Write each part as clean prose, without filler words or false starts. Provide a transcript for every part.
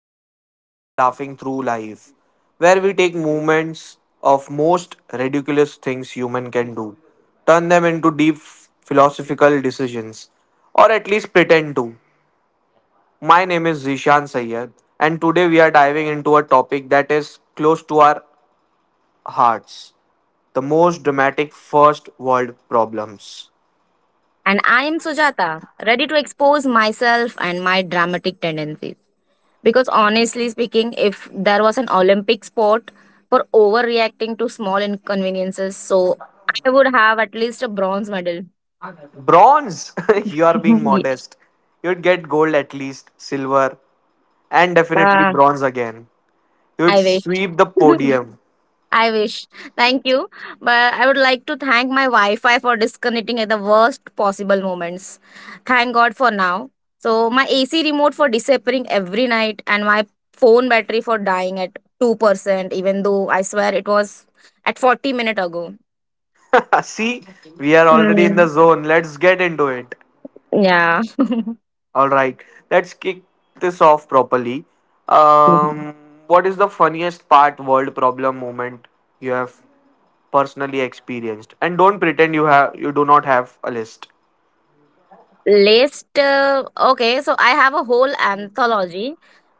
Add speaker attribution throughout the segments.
Speaker 1: to another episode of Laughing Through Life, where we take moments of most ridiculous things human can do, turn them into deep philosophical decisions, or at least pretend to. My name is Zishan Sayyed, and today we are diving into a topic that is close to our hearts, the most dramatic first world problems.
Speaker 2: And I am Sujata, ready to expose myself and my dramatic tendencies. Because honestly speaking, if there was an Olympic sport for overreacting to small inconveniences, I would have at least a bronze medal.
Speaker 1: Bronze! You are being
Speaker 2: yeah,
Speaker 1: modest. You'd get gold at least, silver, and definitely bronze again. He
Speaker 2: I
Speaker 1: would
Speaker 2: wish.
Speaker 1: sweep the podium.
Speaker 2: I wish. Thank you. But I would like to thank my Wi Fi for disconnecting at the worst possible moments. Thank God for now. So my AC remote for disappearing every night, and my phone battery for dying at 2%, even though I swear it was at 40 minutes ago.
Speaker 1: See, we are already in
Speaker 2: Mm,
Speaker 1: the zone. Let's get into it.
Speaker 2: yeah.
Speaker 1: All right, let's kick this off properly. Um, what is the funniest part world problem moment you have personally experienced? And don't pretend you do not have a list.
Speaker 2: List. Okay, so I have a whole anthology,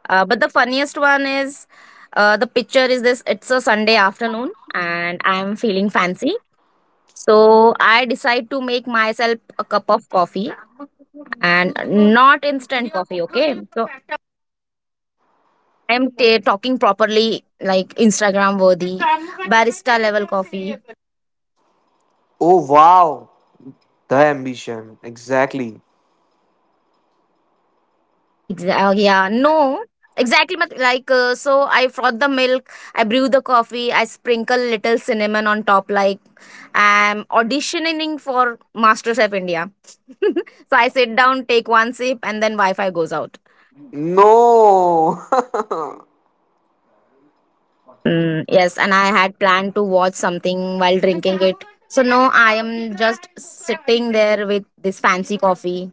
Speaker 2: but the funniest one is the picture is this: it's a Sunday afternoon and I'm feeling fancy. So I decide to make myself a cup of coffee, and not instant coffee, okay? So I am ta talking properly, like Instagram worthy, barista level coffee.
Speaker 1: Oh wow, the ambition exactly.
Speaker 2: Exactly. Yeah. No. Exactly. I froth the milk. I brew the coffee. I sprinkle little cinnamon on top. Like I'm auditioning for MasterChef India. So I sit down, take one sip, and then Wi-Fi goes out.
Speaker 1: No.
Speaker 2: Mm, yes, and I had planned to watch something while drinking it. So no, I am just sitting there with this fancy coffee,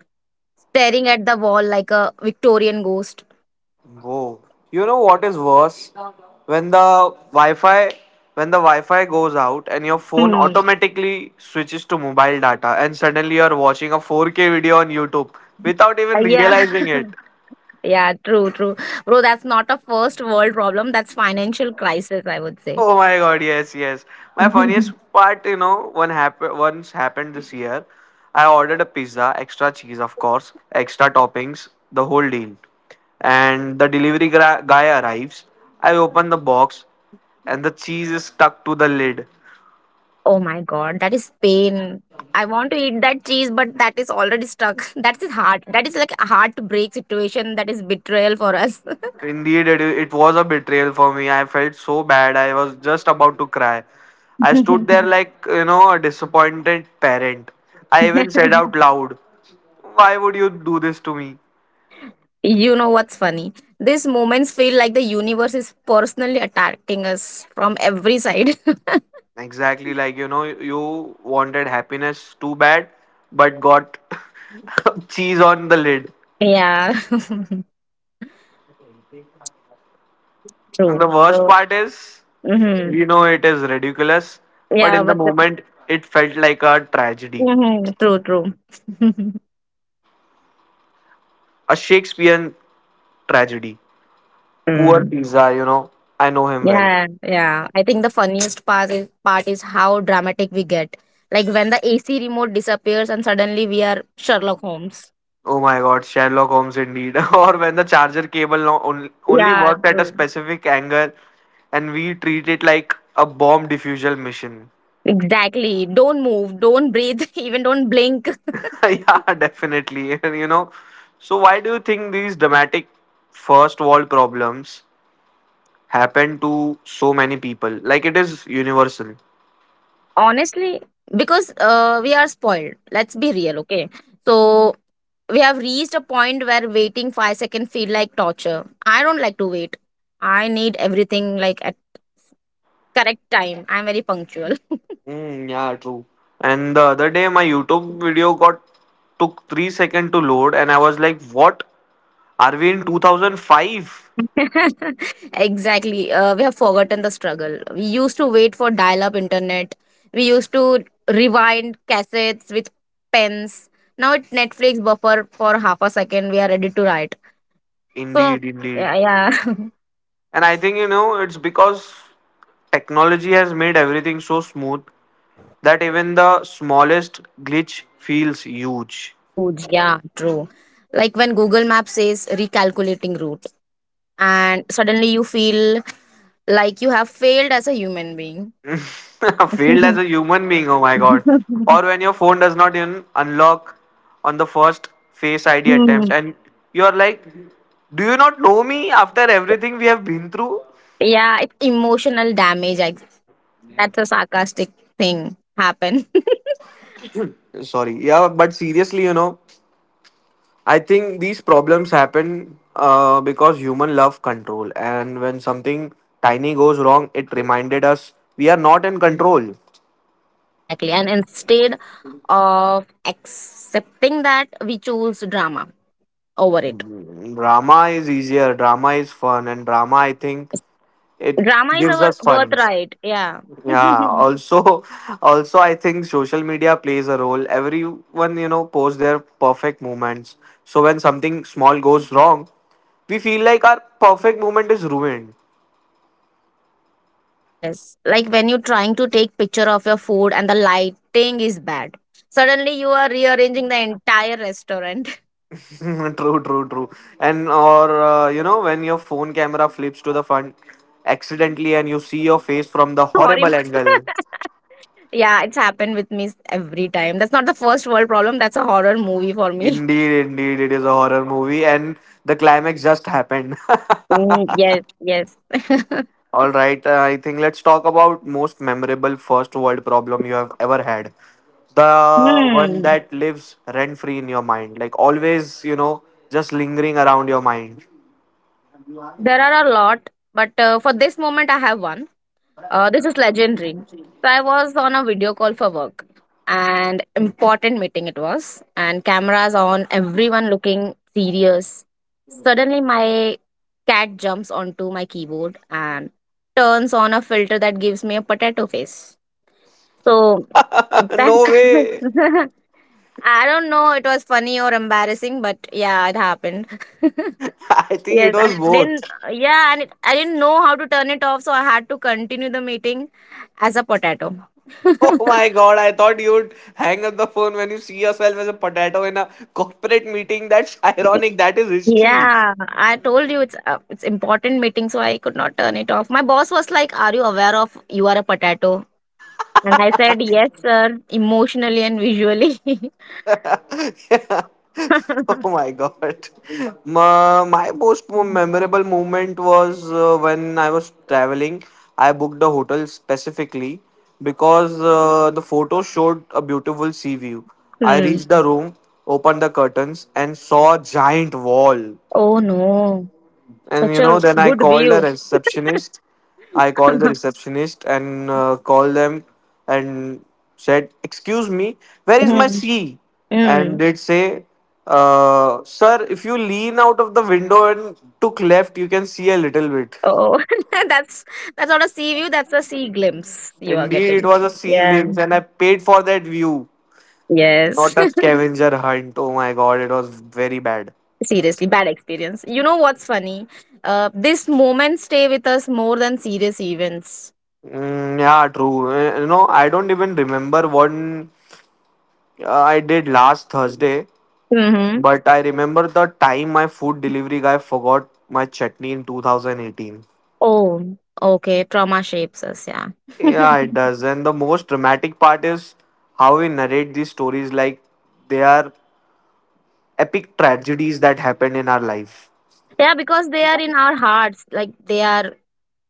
Speaker 2: staring at the wall like a Victorian ghost.
Speaker 1: Whoa. You know what is worse? When the Wi-Fi, when the Wi-Fi goes out and your phone
Speaker 2: Hmm.
Speaker 1: automatically switches to mobile data and suddenly you're watching a 4K video on YouTube without even
Speaker 2: Yeah.
Speaker 1: realizing it.
Speaker 2: Yeah, true. Bro, that's not a first world problem. That's financial crisis, I would say.
Speaker 1: Oh my god, yes, yes. My funniest part, you know, one happened once happened this year. I ordered a pizza, extra cheese, of course, extra toppings, the whole deal. And the guy arrives. I open the box, and the cheese is stuck to the lid.
Speaker 2: Oh my God, that is pain. I want to eat that cheese, but that is already stuck. That is hard. That is like a heartbreak situation. That is betrayal for us.
Speaker 1: Indeed, it was a betrayal for me. I felt so bad. I was just about to cry. I stood there like, you know, a disappointed parent. I even said out loud, "Why would you do this to me?"
Speaker 2: You know what's funny? These moments feel like the universe is personally attacking us from every side.
Speaker 1: Exactly, like you know, you wanted happiness too bad, but got cheese on the lid.
Speaker 2: Yeah.
Speaker 1: And the
Speaker 2: True.
Speaker 1: worst
Speaker 2: So,
Speaker 1: part is,
Speaker 2: mhm.
Speaker 1: we know it is ridiculous, but
Speaker 2: Yeah,
Speaker 1: in the
Speaker 2: but the,
Speaker 1: moment, it felt like a tragedy,
Speaker 2: mhm, true.
Speaker 1: a Shakespearean tragedy. Poor
Speaker 2: Mm.
Speaker 1: pizza, you know, I know him well.
Speaker 2: Yeah, yeah. I think the funniest part is how dramatic we get. Like when the AC remote disappears and suddenly we are Sherlock Holmes.
Speaker 1: Oh my god, Sherlock Holmes indeed. Or when the charger cable no- on- only
Speaker 2: Yeah,
Speaker 1: worked at a
Speaker 2: true.
Speaker 1: specific angle and we treat it like a bomb diffusion mission.
Speaker 2: Exactly. Don't move, don't breathe, even don't blink.
Speaker 1: Yeah, definitely. And you know, so why do you think these dramatic first world problems happen to so many people? Like it is universal.
Speaker 2: Honestly, because we are spoiled. Let's be real, okay? So we have reached a point where waiting 5 seconds feel like torture. I don't like to wait. I need everything like at correct time. I'm very punctual.
Speaker 1: Mm, yeah, true. And the other day, my YouTube video got took 3 seconds to load, and I was like, "What? Are we in 2005?"
Speaker 2: Exactly. We have forgotten the struggle. We used to wait for dial up internet. We used to rewind cassettes with pens. Now it's Netflix buffer for half a second. We are ready to write. So,
Speaker 1: Indeed, indeed.
Speaker 2: yeah, yeah.
Speaker 1: And I think you know it's because technology has made everything so smooth that even the smallest glitch feels huge.
Speaker 2: Huge. Yeah, true. Like when Google Maps says recalculating route, and suddenly you feel like you have failed as a human being.
Speaker 1: Failed as a human being, oh my god. Or when your phone does not even unlock on the first face ID attempt
Speaker 2: Hmm.
Speaker 1: and you're like, do you not know me after everything we have been through?
Speaker 2: Yeah, it's emotional damage. That's a sarcastic thing happen.
Speaker 1: Sorry, yeah, but seriously, you know, I think these problems happen because human love control, and when something tiny goes wrong, it reminded us we are not in control.
Speaker 2: Exactly. And instead of accepting that, we choose drama over it.
Speaker 1: Drama is easier, drama is fun, and drama, I think, it
Speaker 2: Drama is
Speaker 1: gives
Speaker 2: our
Speaker 1: us fun.
Speaker 2: birthright. Yeah.
Speaker 1: Yeah, also also I think social media plays a role. Everyone, you know, posts their perfect moments. So when something small goes wrong, we feel like our perfect moment is ruined.
Speaker 2: Yes. Like when you're trying to take picture of your food and the lighting is bad. Suddenly you are rearranging the entire restaurant.
Speaker 1: True, true, true. And or you know, when your phone camera flips to the front accidentally and you see your face from the horrible
Speaker 2: Horrible.
Speaker 1: angle.
Speaker 2: Yeah, it's happened with me every time. That's not the first world problem. That's a horror movie for me.
Speaker 1: Indeed, indeed, it is a horror movie and the climax just happened.
Speaker 2: Mm, yes.
Speaker 1: All right, I think let's talk about most memorable first world problem you have ever had. The one
Speaker 2: Hmm.
Speaker 1: that lives rent free in your mind, like always, you know, just lingering around your mind.
Speaker 2: There are a lot, but for this moment, I have one. This is legendary. So I was on a video call for work, and important meeting it was, and cameras on, everyone looking serious. Suddenly, my cat jumps onto my keyboard and turns on a filter that gives me a potato face. So that
Speaker 1: No way.
Speaker 2: I don't know. It was funny or embarrassing, but yeah, it happened.
Speaker 1: I think it
Speaker 2: Yes, and
Speaker 1: was
Speaker 2: I didn't
Speaker 1: both.
Speaker 2: yeah, and I didn't know how to turn it off, so I had to continue the meeting as a potato.
Speaker 1: Oh my god, I thought you'd hang up the phone when you see yourself as a potato in a corporate meeting. That's ironic. That is history.
Speaker 2: Yeah, I told you it's important meeting, so I could not turn it off. My boss was like, "Are you aware of you are a potato?" And I said, "Yes, sir," emotionally and visually.
Speaker 1: Yeah. Oh my god. My most memorable moment was when I was traveling. I booked a hotel specifically because the photo showed a beautiful sea view. I
Speaker 2: Hmm.
Speaker 1: reached the room, opened the curtains, and saw a giant wall.
Speaker 2: Oh no,
Speaker 1: And
Speaker 2: such
Speaker 1: you
Speaker 2: a
Speaker 1: know, then I
Speaker 2: good
Speaker 1: called a
Speaker 2: view.
Speaker 1: receptionist. I called the receptionist and called them and said, "Excuse me, where is my
Speaker 2: Hmm.
Speaker 1: C?" And
Speaker 2: Hmm.
Speaker 1: they'd say, "Sir, if you lean out of the window and took left, you can see a little bit."
Speaker 2: Oh, that's that's not a sea view, that's a sea glimpse you are
Speaker 1: Indeed, it
Speaker 2: getting.
Speaker 1: was a sea
Speaker 2: Yeah.
Speaker 1: glimpse, and I paid for that view,
Speaker 2: Yes.
Speaker 1: not a scavenger hunt. Oh my god, it was very bad.
Speaker 2: Seriously, bad experience. You know what's funny? These moments stay with us more than serious events.
Speaker 1: Mm, yeah, true. Eh, you know, I don't even remember what I did last Thursday.
Speaker 2: Mm-hmm.
Speaker 1: But I remember the time my food delivery guy forgot my chutney in 2018.
Speaker 2: Oh, okay. Trauma shapes us. Yeah.
Speaker 1: Yeah, it does. And the most dramatic part is how we narrate these stories like they are epic tragedies that happened in our life.
Speaker 2: Yeah, because they are in our hearts. Like they are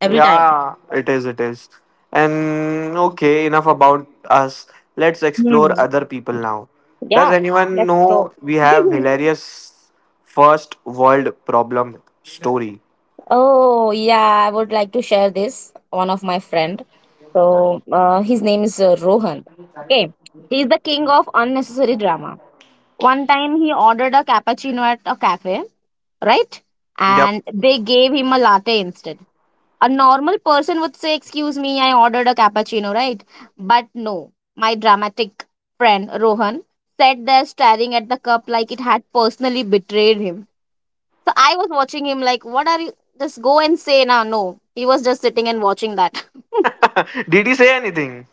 Speaker 2: every time.
Speaker 1: Yeah, it is, it is. And okay, enough about us. Let's explore
Speaker 2: Hmm.
Speaker 1: other people now. Does
Speaker 2: Yeah.
Speaker 1: anyone
Speaker 2: Let's go.
Speaker 1: know we have hilarious first world problem story?
Speaker 2: Oh, yeah, I would like to share this. One of my friend. So, his name is Rohan. Okay. He's the king of unnecessary drama. One time he ordered a cappuccino at a cafe, right?
Speaker 1: Yep.
Speaker 2: And they gave him a latte instead. A normal person would say, "Excuse me, I ordered a cappuccino," right? But no, my dramatic friend Rohan sat there staring at the cup like it had personally betrayed him. So I was watching him like, what are you? Just go and say now. No, he was just sitting and watching that.
Speaker 1: Did he say anything?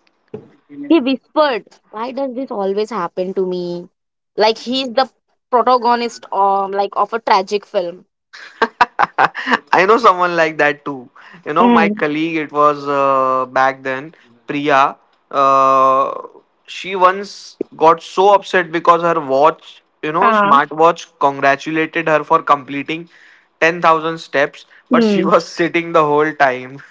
Speaker 2: He whispered, why does this always happen to me? Like he's the protagonist like of a tragic film.
Speaker 1: I know someone like that too. You know, my
Speaker 2: Mm.
Speaker 1: colleague, it was back then, Priya. Uh, she once got so upset because her watch, you know,
Speaker 2: Ah.
Speaker 1: smartwatch congratulated her for completing 10,000 steps, but she
Speaker 2: Hmm.
Speaker 1: was sitting the whole time.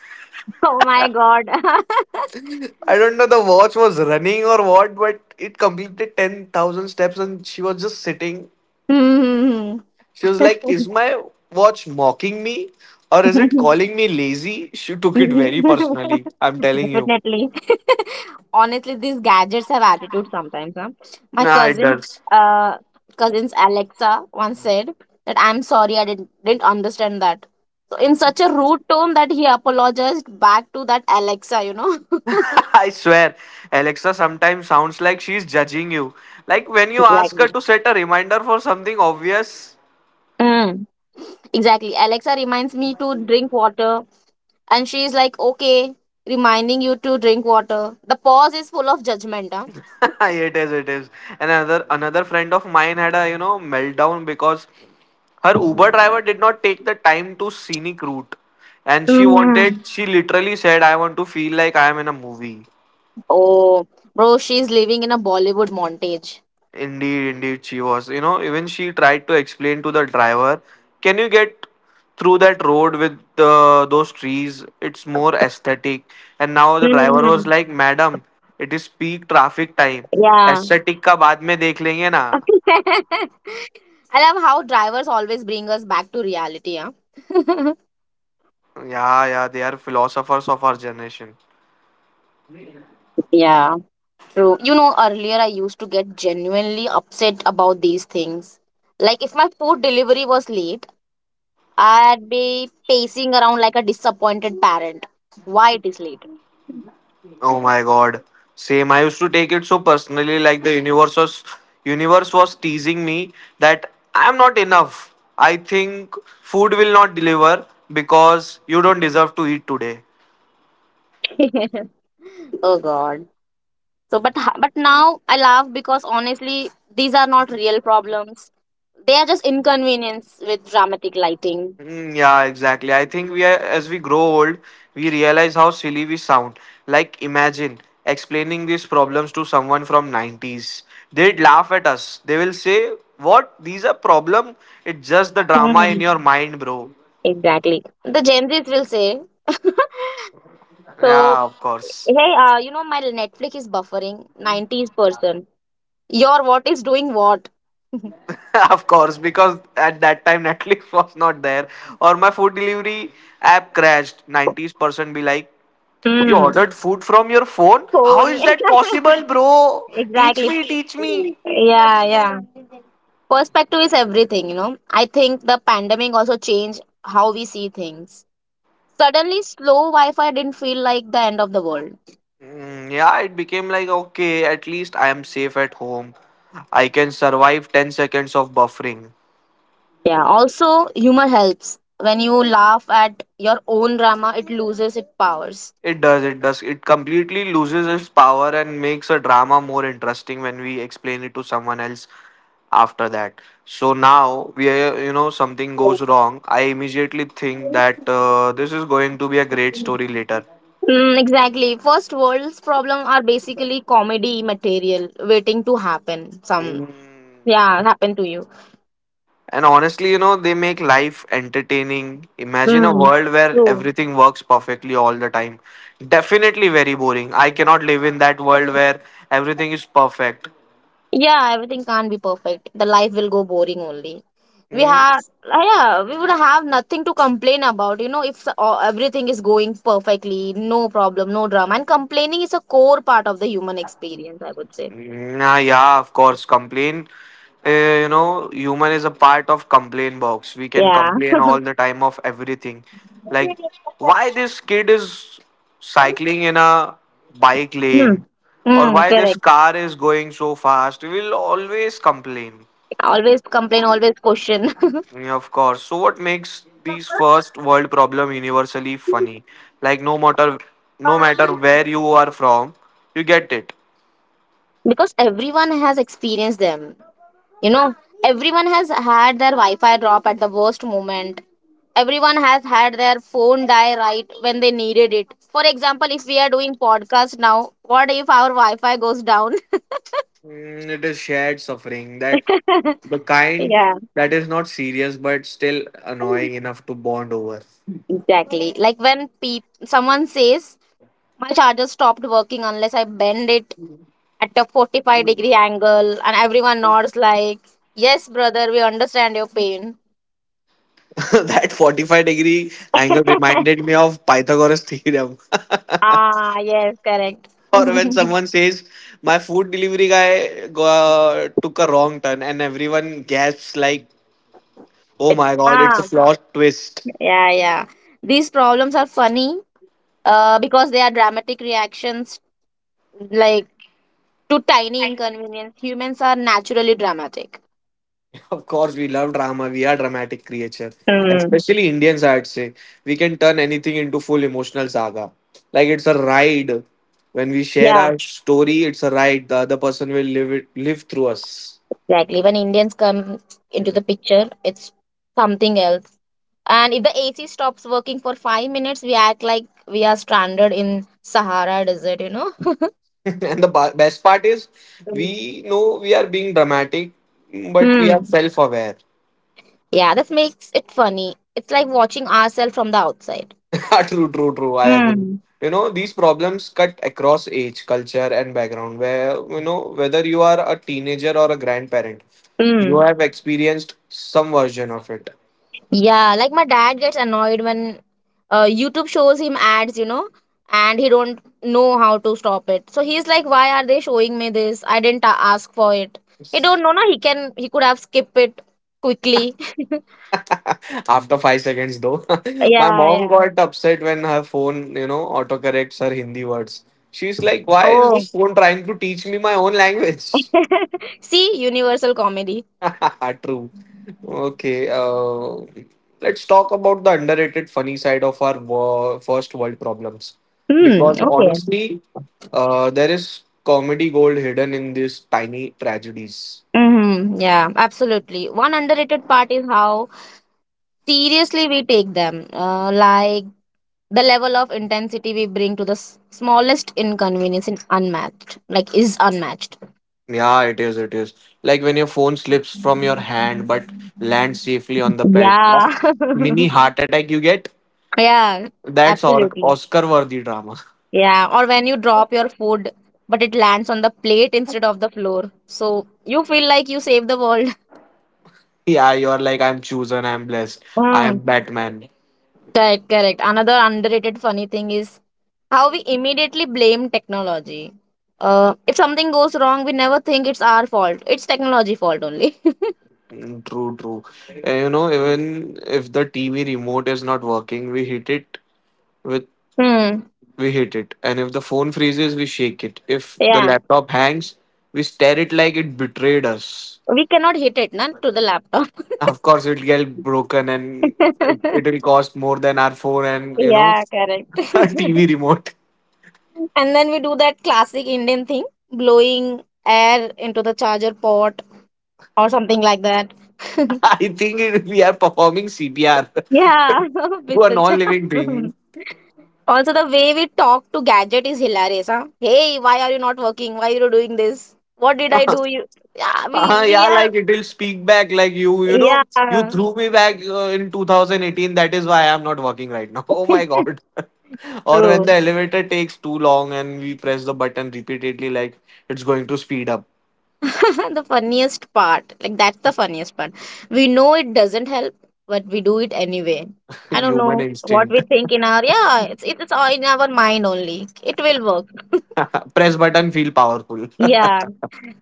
Speaker 2: Oh my god.
Speaker 1: I don't know the watch was running or what, but it completed 10,000 steps and she was just sitting. She was like,
Speaker 2: Hmm.
Speaker 1: "Is my watch mocking me or is it calling me lazy?" She took it very personally. I'm telling you.
Speaker 2: Definitely. Honestly, these gadgets have attitude sometimes. Huh? My
Speaker 1: Nah, it
Speaker 2: cousin,
Speaker 1: does.
Speaker 2: uh, cousin's Alexa once said that I'm sorry I didn't understand that. So in such a rude tone that he apologized back to that Alexa. You know.
Speaker 1: I swear, Alexa sometimes sounds like she's judging you. Like when you ask her
Speaker 2: Exactly.
Speaker 1: to set a reminder for something obvious.
Speaker 2: Mm. Exactly. Alexa reminds me to drink water, and she is like, "Okay, reminding you to drink water." The pause is full of judgment.
Speaker 1: It is, it is. And another friend of mine had a you know meltdown because her Uber driver did not take the time to scenic route, and she
Speaker 2: Huh?
Speaker 1: wanted. She literally said, "I want to feel like I am in a movie."
Speaker 2: Oh, bro, she's living in a Bollywood montage.
Speaker 1: Indeed, indeed, she was. You know, even she tried to explain to the driver, "Can you get through that road with the, those trees? It's more aesthetic." And now the driver was
Speaker 2: Hmm.
Speaker 1: like, "Madam, it is peak traffic time.
Speaker 2: Yeah.
Speaker 1: Aesthetic का बाद में देख लेंगे ना."
Speaker 2: I love how drivers always bring us back to reality, huh?
Speaker 1: Yeah, yeah, they are philosophers of our generation.
Speaker 2: Yeah. True. You know, earlier I used to get genuinely upset about these things. Like, if my food delivery was late, I'd be pacing around like a disappointed parent. Why it is late?
Speaker 1: Oh my god. Same. I used to take it so personally, like the universe was teasing me that I am not enough. I think food will not deliver because you don't deserve to eat today.
Speaker 2: Oh, God. So, but now I laugh because honestly, these are not real problems. They are just inconvenience with dramatic lighting.
Speaker 1: Mm, yeah, exactly. I think we are, as we grow old, we realize how silly we sound. Like imagine explaining these problems to someone from 90s. They'd laugh at us. They will say, "What? These are problem? It's just the drama in
Speaker 2: Hmm.
Speaker 1: your mind, bro."
Speaker 2: Exactly. The Gen Zs will say. So
Speaker 1: Yeah, of course.
Speaker 2: hey, you know my Netflix is buffering. Nineties person. Your what is doing what?
Speaker 1: Of course, because at that time Netflix was not there, or my food delivery app crashed. Nineties percent be like, "You
Speaker 2: Hmm.
Speaker 1: ordered food from your phone? How
Speaker 2: Phone.
Speaker 1: is that possible, bro? Teach
Speaker 2: Exactly.
Speaker 1: me, teach me."
Speaker 2: Yeah, yeah. Perspective is everything. You know. I think the pandemic also changed how we see things. Suddenly, slow Wi Fi didn't feel like the end of the world.
Speaker 1: Mm, yeah, it became like, okay, at least I am safe at home. I can survive 10 seconds of buffering.
Speaker 2: Yeah, also, humor helps. When you laugh at your own drama, it loses its powers.
Speaker 1: It does, it does. It completely loses its power and makes a drama more interesting when we explain it to someone else after that. So now we are, you know, something goes wrong. I immediately think that this is going to be a great story later.
Speaker 2: Mm, exactly. First world's problems are basically comedy material waiting to happen. Some,
Speaker 1: Mm.
Speaker 2: yeah, happen to you.
Speaker 1: And honestly, you know, they make life entertaining. Imagine a
Speaker 2: Mm,
Speaker 1: world where
Speaker 2: true.
Speaker 1: everything works perfectly all the time. Definitely very boring. I cannot live in that world where everything is perfect.
Speaker 2: Yeah, everything can't be perfect. The life will go boring only. We
Speaker 1: Mm,
Speaker 2: have, yeah, we would have nothing to complain about. You know, if everything is going perfectly, no problem, no drama. And complaining is a core part of the human experience, I would say.
Speaker 1: nah, yeah, of course. Complain, you know, human is a part of complain box. We can
Speaker 2: Yeah.
Speaker 1: complain all the time of everything. Like, why this kid is cycling in a bike
Speaker 2: Hmm.
Speaker 1: lane, or
Speaker 2: Hmm.
Speaker 1: why this
Speaker 2: Correct.
Speaker 1: car is going so fast. We will always complain.
Speaker 2: Always complain, always question.
Speaker 1: Yeah, of course. So, what makes these first world problem universally funny? Like, no matter where you are from, you get it.
Speaker 2: Because everyone has experienced them. You know, everyone has had their Wi Fi drop at the worst moment. Everyone has had their phone die right when they needed it. For example, if we are doing podcast now, what if our Wi Fi goes down?
Speaker 1: Mm, it is shared suffering, that the kind
Speaker 2: Yeah.
Speaker 1: that is not serious but still annoying enough to bond over.
Speaker 2: Exactly. Like when peop someone says, my charger stopped working unless I bend it at a 45-degree angle, and everyone nods like, yes, brother, we understand your pain.
Speaker 1: That 45 degree angle reminded me of Pythagoras theorem.
Speaker 2: Ah, yes, correct.
Speaker 1: Or when someone says, "My food delivery guy took a wrong turn," and everyone gasps, like, "Oh my god, it's a
Speaker 2: Ah,
Speaker 1: plot twist."
Speaker 2: yeah, yeah. These problems are funny because they are dramatic reactions like to tiny inconvenience. Humans are naturally dramatic.
Speaker 1: Of course, we love drama. We are dramatic creature,
Speaker 2: Mm.
Speaker 1: especially Indians. I'd say we can turn anything into full emotional saga. Like it's a ride. When we share
Speaker 2: Yeah,
Speaker 1: our story, it's a ride. The other person will live it, live through us.
Speaker 2: exactly. When Indians come into the picture, it's something else. And if the AC stops working for 5 minutes, we act like we are stranded in Sahara Desert, you know?
Speaker 1: And the best part is,
Speaker 2: Mm.
Speaker 1: we know we are being dramatic, but we are
Speaker 2: Mm.
Speaker 1: self-aware.
Speaker 2: Yeah, that makes it funny. It's like watching ourselves from the outside.
Speaker 1: True, true, true. I agree.
Speaker 2: Mm.
Speaker 1: You know, these problems cut across age, culture, and background. Where you know whether you are a teenager or a grandparent, you
Speaker 2: Mm.
Speaker 1: have experienced some version of it.
Speaker 2: Yeah, like my dad gets annoyed when YouTube shows him ads, you know, and he don't know how to stop it. So he's like, "Why are they showing me this? I didn't ask for it." He don't know, na. He can he could have skipped it quickly.
Speaker 1: After 5 seconds, though, my
Speaker 2: Yeah,
Speaker 1: mom
Speaker 2: yeah.
Speaker 1: got upset when her phone, you know, autocorrects her Hindi words. She's like, "Why is
Speaker 2: Oh,
Speaker 1: this phone trying to teach me my own language?"
Speaker 2: see, universal comedy.
Speaker 1: True. Okay. Let's talk about the underrated funny side of our first world problems,
Speaker 2: Hmm.
Speaker 1: because
Speaker 2: Okay.
Speaker 1: honestly, there is comedy gold hidden in these tiny tragedies.
Speaker 2: Mm-hmm. Yeah, absolutely. One underrated part is how seriously we take them. Like the level of intensity we bring to the smallest inconvenience is unmatched like is unmatched.
Speaker 1: Yeah, it is. It is like when your phone slips from your hand but lands safely on the bed.
Speaker 2: Yeah.
Speaker 1: That mini heart attack you get.
Speaker 2: Yeah,
Speaker 1: That's or
Speaker 2: absolutely.
Speaker 1: Oscar-worthy drama.
Speaker 2: Yeah, or when you drop your food but it lands on the plate instead of the floor, so you feel like you saved the world.
Speaker 1: Yeah, you are like I'm chosen, I'm blessed, I am
Speaker 2: Mm.
Speaker 1: Batman.
Speaker 2: Correct, correct. Another underrated funny thing is how we immediately blame technology. If something goes wrong, we never think it's our fault, it's technology fault only.
Speaker 1: Mm, true, true. You know, even if the TV remote is not working, with
Speaker 2: Hmm.
Speaker 1: we hit it, and if the phone freezes, we shake it. If the
Speaker 2: Yeah.
Speaker 1: laptop hangs, we stare it like it betrayed us.
Speaker 2: We cannot hit it not to the laptop.
Speaker 1: Of course, it'll get broken and like, it'll cost more than our phone and you know
Speaker 2: Yeah, correct.
Speaker 1: our TV remote.
Speaker 2: And then we do that classic Indian thing, blowing air into the charger port or something like that.
Speaker 1: I think we are performing CPR
Speaker 2: Yeah,
Speaker 1: to
Speaker 2: with
Speaker 1: a
Speaker 2: the
Speaker 1: non-living
Speaker 2: charger.
Speaker 1: thing.
Speaker 2: Also, the way we talk to gadget is hilarious, huh? Hey, why are you not working? Why are you doing this? What did I do? You, yeah, we
Speaker 1: Yeah,
Speaker 2: are,
Speaker 1: like it'll speak back like you know, you
Speaker 2: yeah.
Speaker 1: threw me back in 2018. That is why I'm not working right now. Oh my god! Or when
Speaker 2: True.
Speaker 1: the elevator takes too long and we press the button repeatedly, like it's going to speed up.
Speaker 2: The funniest part, we know it doesn't help, but we do it anyway. I don't
Speaker 1: Human
Speaker 2: know what
Speaker 1: instinct.
Speaker 2: we think in our... it's all in our mind only. It will work.
Speaker 1: Press button, feel powerful.
Speaker 2: Yeah,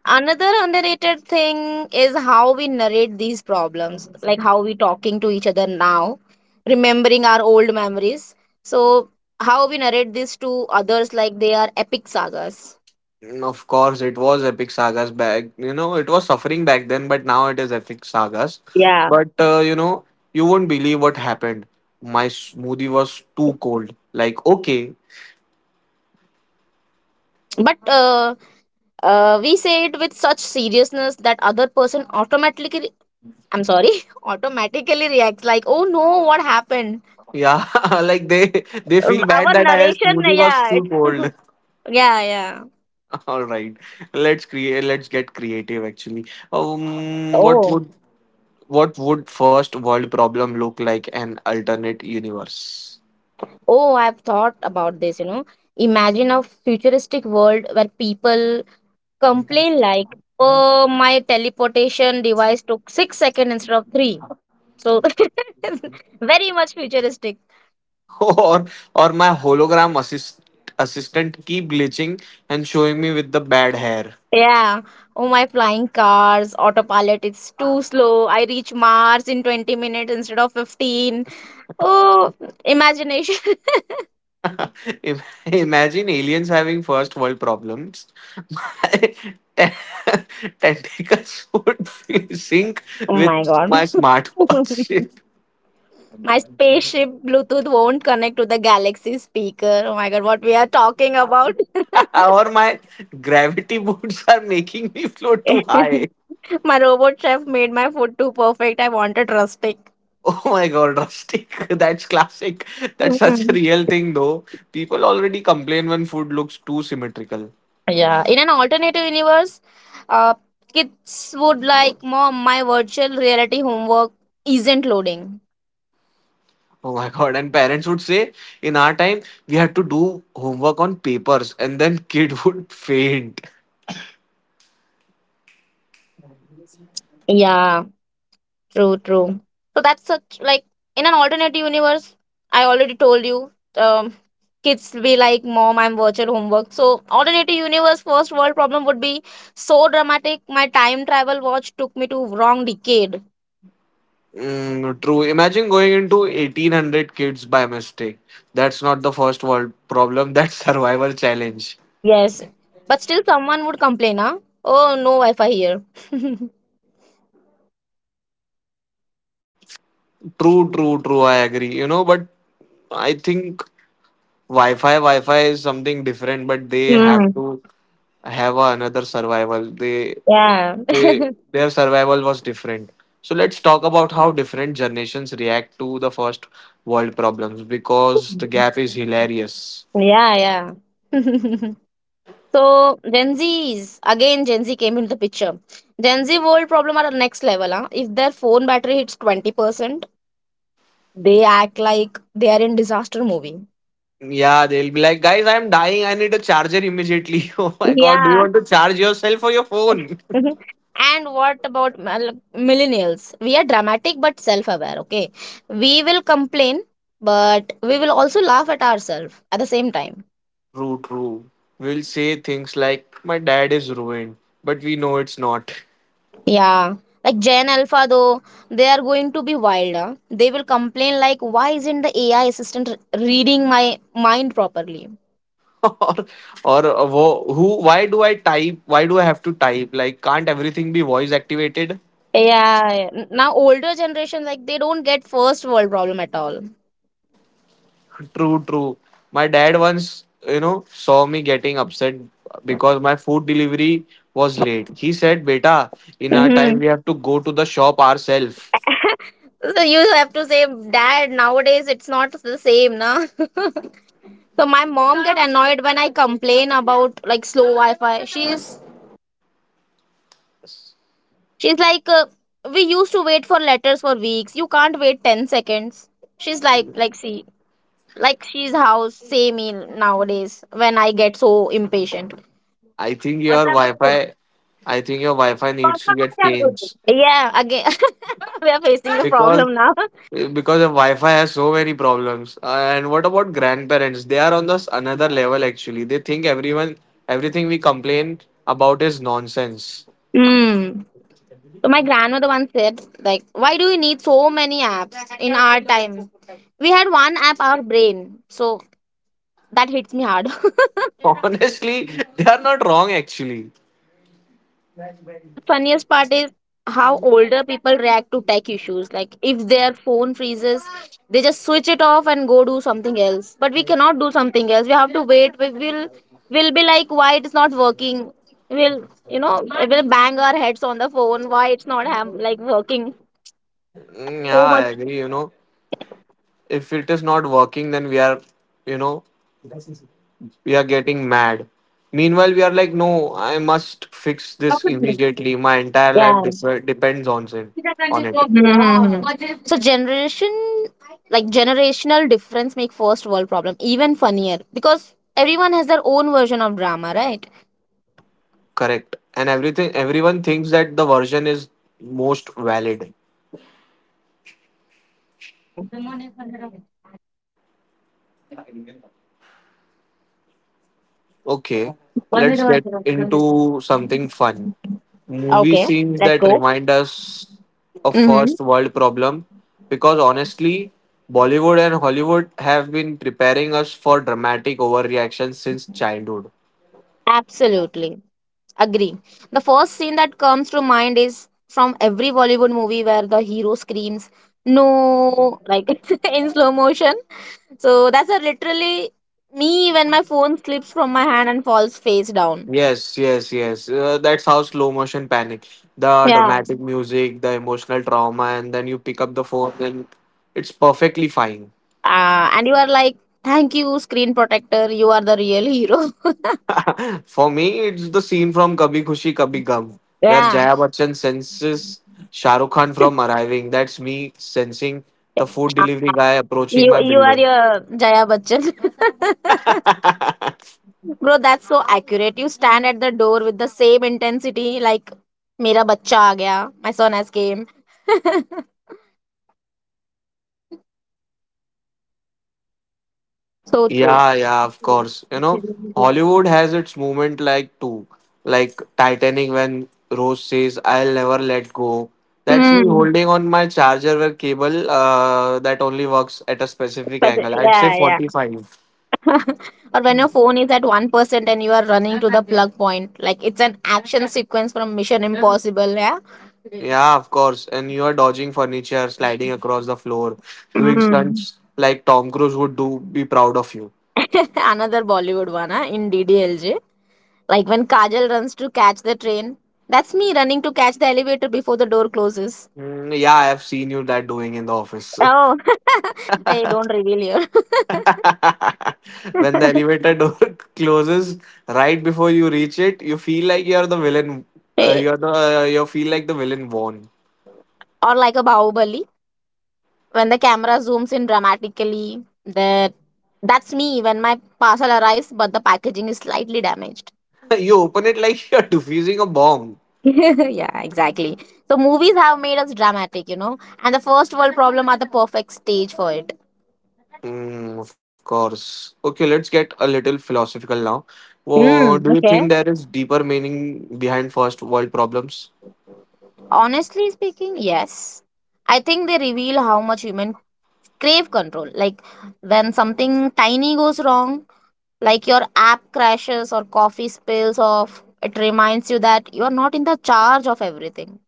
Speaker 2: another underrated thing is how we narrate these problems, like how we talking to each other now, remembering our old memories. So how we narrate this to others like they are epic sagas.
Speaker 1: Mm, of course, it was epic sagas back. You know, it was suffering back then, but now it is epic sagas.
Speaker 2: Yeah,
Speaker 1: But you know, you won't believe what happened. My smoothie was too cold. Like, okay,
Speaker 2: hello, but we say it with such seriousness that other person automatically, I'm sorry, automatically reacts like, "Oh no, what happened?"
Speaker 1: yeah, like they feel bad
Speaker 2: Our
Speaker 1: that I
Speaker 2: narration,
Speaker 1: smoothie was
Speaker 2: yeah. It,
Speaker 1: too cold.
Speaker 2: yeah, yeah.
Speaker 1: All right, let's create. Let's get creative. Actually, um, what
Speaker 2: Oh,
Speaker 1: would what would first world problem look like an alternate universe?
Speaker 2: oh, I've thought about this, you know. Imagine a futuristic world where people complain like, oh, my teleportation device took 6 seconds instead of 3. So very much futuristic.
Speaker 1: or or my assistant keep glitching and showing me with the bad hair.
Speaker 2: Yeah. Oh, my flying cars, autopilot, it's too slow. I reach Mars in 20 minutes instead of 15. Oh, imagination.
Speaker 1: Imagine aliens having first world problems. My te- tentacles would sync
Speaker 2: Oh
Speaker 1: with
Speaker 2: my god.
Speaker 1: my smartwatch shape.
Speaker 2: My spaceship Bluetooth won't connect to the galaxy speaker. Oh my god, what we are talking about.
Speaker 1: or my gravity boots are making me float too high.
Speaker 2: My robot chef made my food too perfect. I want a rustic.
Speaker 1: Oh my god, rustic. That's classic. That's such a real thing though. People already complain when food looks too symmetrical.
Speaker 2: Yeah, in an alternative universe, uh, kids would like, Mom, my virtual reality homework isn't loading.
Speaker 1: Oh my god. And parents would say, in our time, we had to do homework on papers, and then kid would faint.
Speaker 2: Yeah, true, true. So that's a, like in an alternate universe. I already told you, um, kids will be like, "Mom, I'm virtual homework." So alternative universe first world problem would be so dramatic. My time travel watch took me to wrong decade.
Speaker 1: Mm, true. Imagine going into 1800 kids by mistake. That's not the first world problem, that's survival challenge.
Speaker 2: Hmm. Yes. But still, someone would complain, huh? Oh, no Wi-Fi here.
Speaker 1: True, true, true. I agree. You know, but I think Wi Fi is something different, but they have
Speaker 2: Hmm.
Speaker 1: to have another survival.
Speaker 2: Yeah.
Speaker 1: They, their survival was different. So let's talk about how different generations react to the first world problems because the gap is hilarious.
Speaker 2: Yeah, yeah. So Gen Z's, again, Gen Z came into the picture. Gen Z world problem are at next level, huh? If their phone battery hits 20%, they act like they are in disaster movie.
Speaker 1: Yeah, they'll be like, guys, I'm dying. I need a charger immediately. Oh my god, do you
Speaker 2: Yeah.
Speaker 1: want to charge yourself or your phone?
Speaker 2: Mhm. And what about millennials? We are dramatic but self-aware. Okay, we will complain, but we will also laugh at ourselves at the same time.
Speaker 1: True, true. We'll say things like, my dad is ruined, but we know it's not.
Speaker 2: Yeah, like Gen Alpha though, they are going to be wilder. They will complain like, why isn't the AI assistant reading my mind properly?
Speaker 1: or, or why do I type? Why do I have to type? Like, can't everything be voice activated?
Speaker 2: Yeah, yeah. Now older generation, like they don't get first world problem at all.
Speaker 1: True, true. My dad once, you know, saw me getting upset because my food delivery was late. He said, Beta, in our time
Speaker 2: Hmm.
Speaker 1: we have to go to the shop ourselves.
Speaker 2: So you have to say, Dad, nowadays it's not the same, na. So my mom get annoyed when I complain about like slow Wi-Fi. She's like, we used to wait for letters for weeks. You can't wait 10 seconds. She's like, see. Like she's how same in nowadays when I get so impatient.
Speaker 1: I think your Wi-Fi, I think your Wi-Fi needs to get changed
Speaker 2: Yeah, again, we are facing the
Speaker 1: because
Speaker 2: problem now.
Speaker 1: because the Wi-Fi has so many problems. And what about grandparents? They are on this another level actually. They think everyone everything we complain about is nonsense.
Speaker 2: Hmm. So my grandmother once said, like, why do we need so many apps? In our time, we had one app, our brain. So that hits me hard.
Speaker 1: Honestly, they are not wrong actually.
Speaker 2: Yeah, but funniest part is how older people react to tech issues. Like if their phone freezes, they just switch it off and go do something else. But we cannot do something else. We have to wait. We will be like, why it's not working? We'll, you know, we'll bang our heads on the phone. Why it's not like working?
Speaker 1: Mm, yeah,
Speaker 2: So
Speaker 1: I
Speaker 2: much.
Speaker 1: agree. You know, if it is not working, then you know, we are getting mad. Meanwhile, we are like, no, I must fix this immediately. My entire life
Speaker 2: Yeah.
Speaker 1: depends on it. On it,
Speaker 2: Mhm. So generation, like generational difference make first world problem even funnier, because everyone has their own version of drama, right?
Speaker 1: correct. And everything, everyone thinks that the version is most valid.
Speaker 2: True.
Speaker 1: Okay, let's get into something fun. Movie
Speaker 2: Okay,
Speaker 1: scenes
Speaker 2: let's
Speaker 1: that
Speaker 2: go.
Speaker 1: remind us of
Speaker 2: Mm-hmm.
Speaker 1: first world problem because honestly, Bollywood and Hollywood have been preparing us for dramatic overreactions since childhood.
Speaker 2: Absolutely. Agree. The first scene that comes to mind is from every Bollywood movie where the hero screams, no, like in slow motion. So that's a literally me when my phone slips from my hand and falls face down.
Speaker 1: Yes, yes, yes. That's how slow motion panic. The
Speaker 2: Yeah.
Speaker 1: dramatic music, the emotional trauma, and then you pick up the phone and it's perfectly fine.
Speaker 2: And you are like, thank you, screen protector. You are the real hero.
Speaker 1: For me, it's the scene from Kabhi Khushi Kabhi Gum where
Speaker 2: Yeah.
Speaker 1: Jaya Bachchan senses Shah Rukh Khan from arriving. That's me sensing the food delivery guy approaching
Speaker 2: You
Speaker 1: my
Speaker 2: you are
Speaker 1: building.
Speaker 2: your Jaya Bachchan. Bro, that's so accurate. You stand at the door with the same intensity like Mera bachcha aa gaya. My son has came. So true.
Speaker 1: Yeah, yeah, of course. You know, Hollywood has its moment like too, like Titanic when Rose says, "I'll never let go." That's me
Speaker 2: Mm.
Speaker 1: holding on my charger where cable that only works at a specific angle. I'd say
Speaker 2: Yeah, yeah.
Speaker 1: 45.
Speaker 2: Or when your phone is at 1% and you are running to the plug point. Like it's an action sequence from Mission Impossible, yeah?
Speaker 1: Yeah, of course. And you are dodging furniture, sliding across the floor, doing
Speaker 2: Mm.
Speaker 1: stunts like Tom Cruise would do. Be proud of you.
Speaker 2: Another Bollywood one, huh? In DDLJ. Like when Kajal runs to catch the train. That's me running to catch the elevator before the door closes.
Speaker 1: Mm, yeah, I have seen you that doing in the office.
Speaker 2: Oh. Hey, don't reveal here.
Speaker 1: When the elevator door closes right before you reach it, you feel like you're the villain.
Speaker 2: Hey.
Speaker 1: You feel like the villain won.
Speaker 2: Or like a Bahubali. When the camera zooms in dramatically, that's me when my parcel arrives, but the packaging is slightly damaged.
Speaker 1: You open it like you're defusing a bomb.
Speaker 2: Yeah, exactly. So movies have made us dramatic, you know, and the first world problem are the perfect stage for it.
Speaker 1: Mm, of course. Okay, let's get a little philosophical now.
Speaker 2: Mm,
Speaker 1: Do you think there is deeper meaning behind first world problems?
Speaker 2: honestly speaking, yes. I think they reveal how much women crave control. Like when something tiny goes wrong, like your app crashes or coffee spills off, it reminds you that you are not in the charge of everything.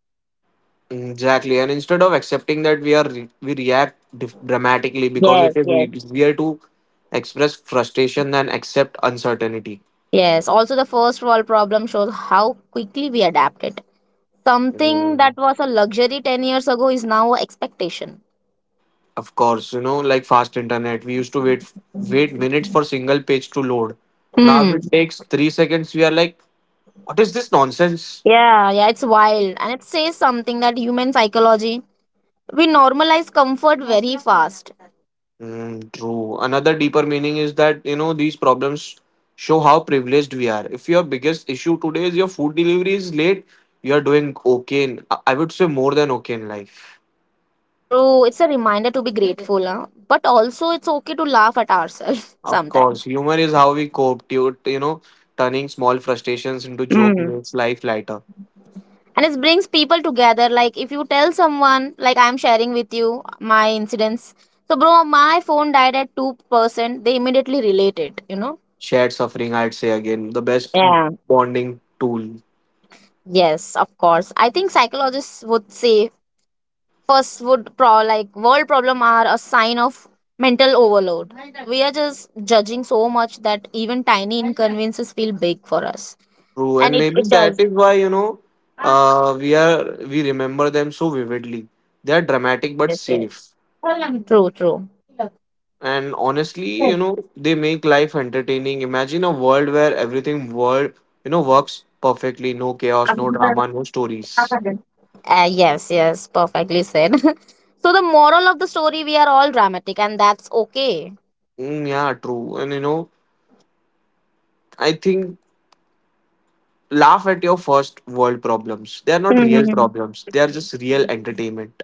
Speaker 1: Exactly, and instead of accepting that we react dramatically because
Speaker 2: Yes,
Speaker 1: it is
Speaker 2: yes.
Speaker 1: easier to express frustration than accept uncertainty.
Speaker 2: Yes, also the first world problem shows how quickly we adapted. Something that
Speaker 1: Mm,
Speaker 2: was a luxury 10 years ago is now an expectation.
Speaker 1: of course, you know, like fast internet, we used to wait minutes for single page to load. Now if
Speaker 2: Hmm.
Speaker 1: it takes 3 seconds, we are like, what is this nonsense?
Speaker 2: Yeah, yeah, it's wild. And it says something that human psychology, we normalize comfort very fast.
Speaker 1: Mm, true. Another deeper meaning is that, you know, these problems show how privileged we are. If your biggest issue today is your food delivery is late, you are doing okay. In, I would say more than okay in life.
Speaker 2: True, it's a reminder to be grateful, huh? But also it's okay to laugh at ourselves
Speaker 1: Of course,
Speaker 2: sometimes.
Speaker 1: humor is how we cope, you know, turning small frustrations into joke
Speaker 2: Mm.
Speaker 1: makes life lighter.
Speaker 2: And it brings people together. Like if you tell someone, like I'm sharing with you my incidents. So, bro, my phone died at 2%. They immediately relate it, you know?
Speaker 1: Shared suffering, I'd say again, the best
Speaker 2: Yeah.
Speaker 1: bonding tool.
Speaker 2: Yes, of course. I think psychologists would say first would pro, like world problem are a sign of mental overload. We are just judging so much that even tiny inconveniences feel big for us.
Speaker 1: True.
Speaker 2: And
Speaker 1: And
Speaker 2: it,
Speaker 1: maybe
Speaker 2: it does.
Speaker 1: that is why, you know, we remember them so vividly. They are
Speaker 2: Yes,
Speaker 1: dramatic but
Speaker 2: yes, yes.
Speaker 1: safe.
Speaker 2: True, true.
Speaker 1: And honestly, you know, they make life entertaining. Imagine a world where you know, works perfectly. No chaos, no drama, no stories.
Speaker 2: Yes, yes, perfectly said. So the moral of the story, we are all dramatic, and that's okay.
Speaker 1: Mm, yeah, true. And you know, I think laugh at your first world problems. They are not real
Speaker 2: Mhm.
Speaker 1: problems. They are just real entertainment.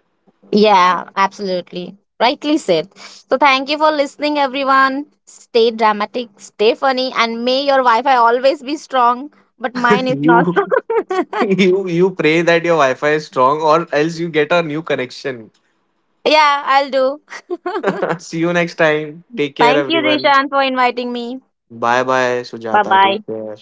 Speaker 2: Yeah, absolutely. Rightly said. So thank you for listening, everyone. Stay dramatic, stay funny, and may your Wi Fi always be strong. But mine is not
Speaker 1: you
Speaker 2: strong.
Speaker 1: you pray that your Wi-Fi is strong or else you get a new connection.
Speaker 2: Yeah, I'll do.
Speaker 1: See you next time. Take care
Speaker 2: Thank you,
Speaker 1: everyone.
Speaker 2: Rishan, for inviting me.
Speaker 1: Bye bye,
Speaker 2: Bye
Speaker 1: Sujata. Take
Speaker 2: bye.
Speaker 1: care.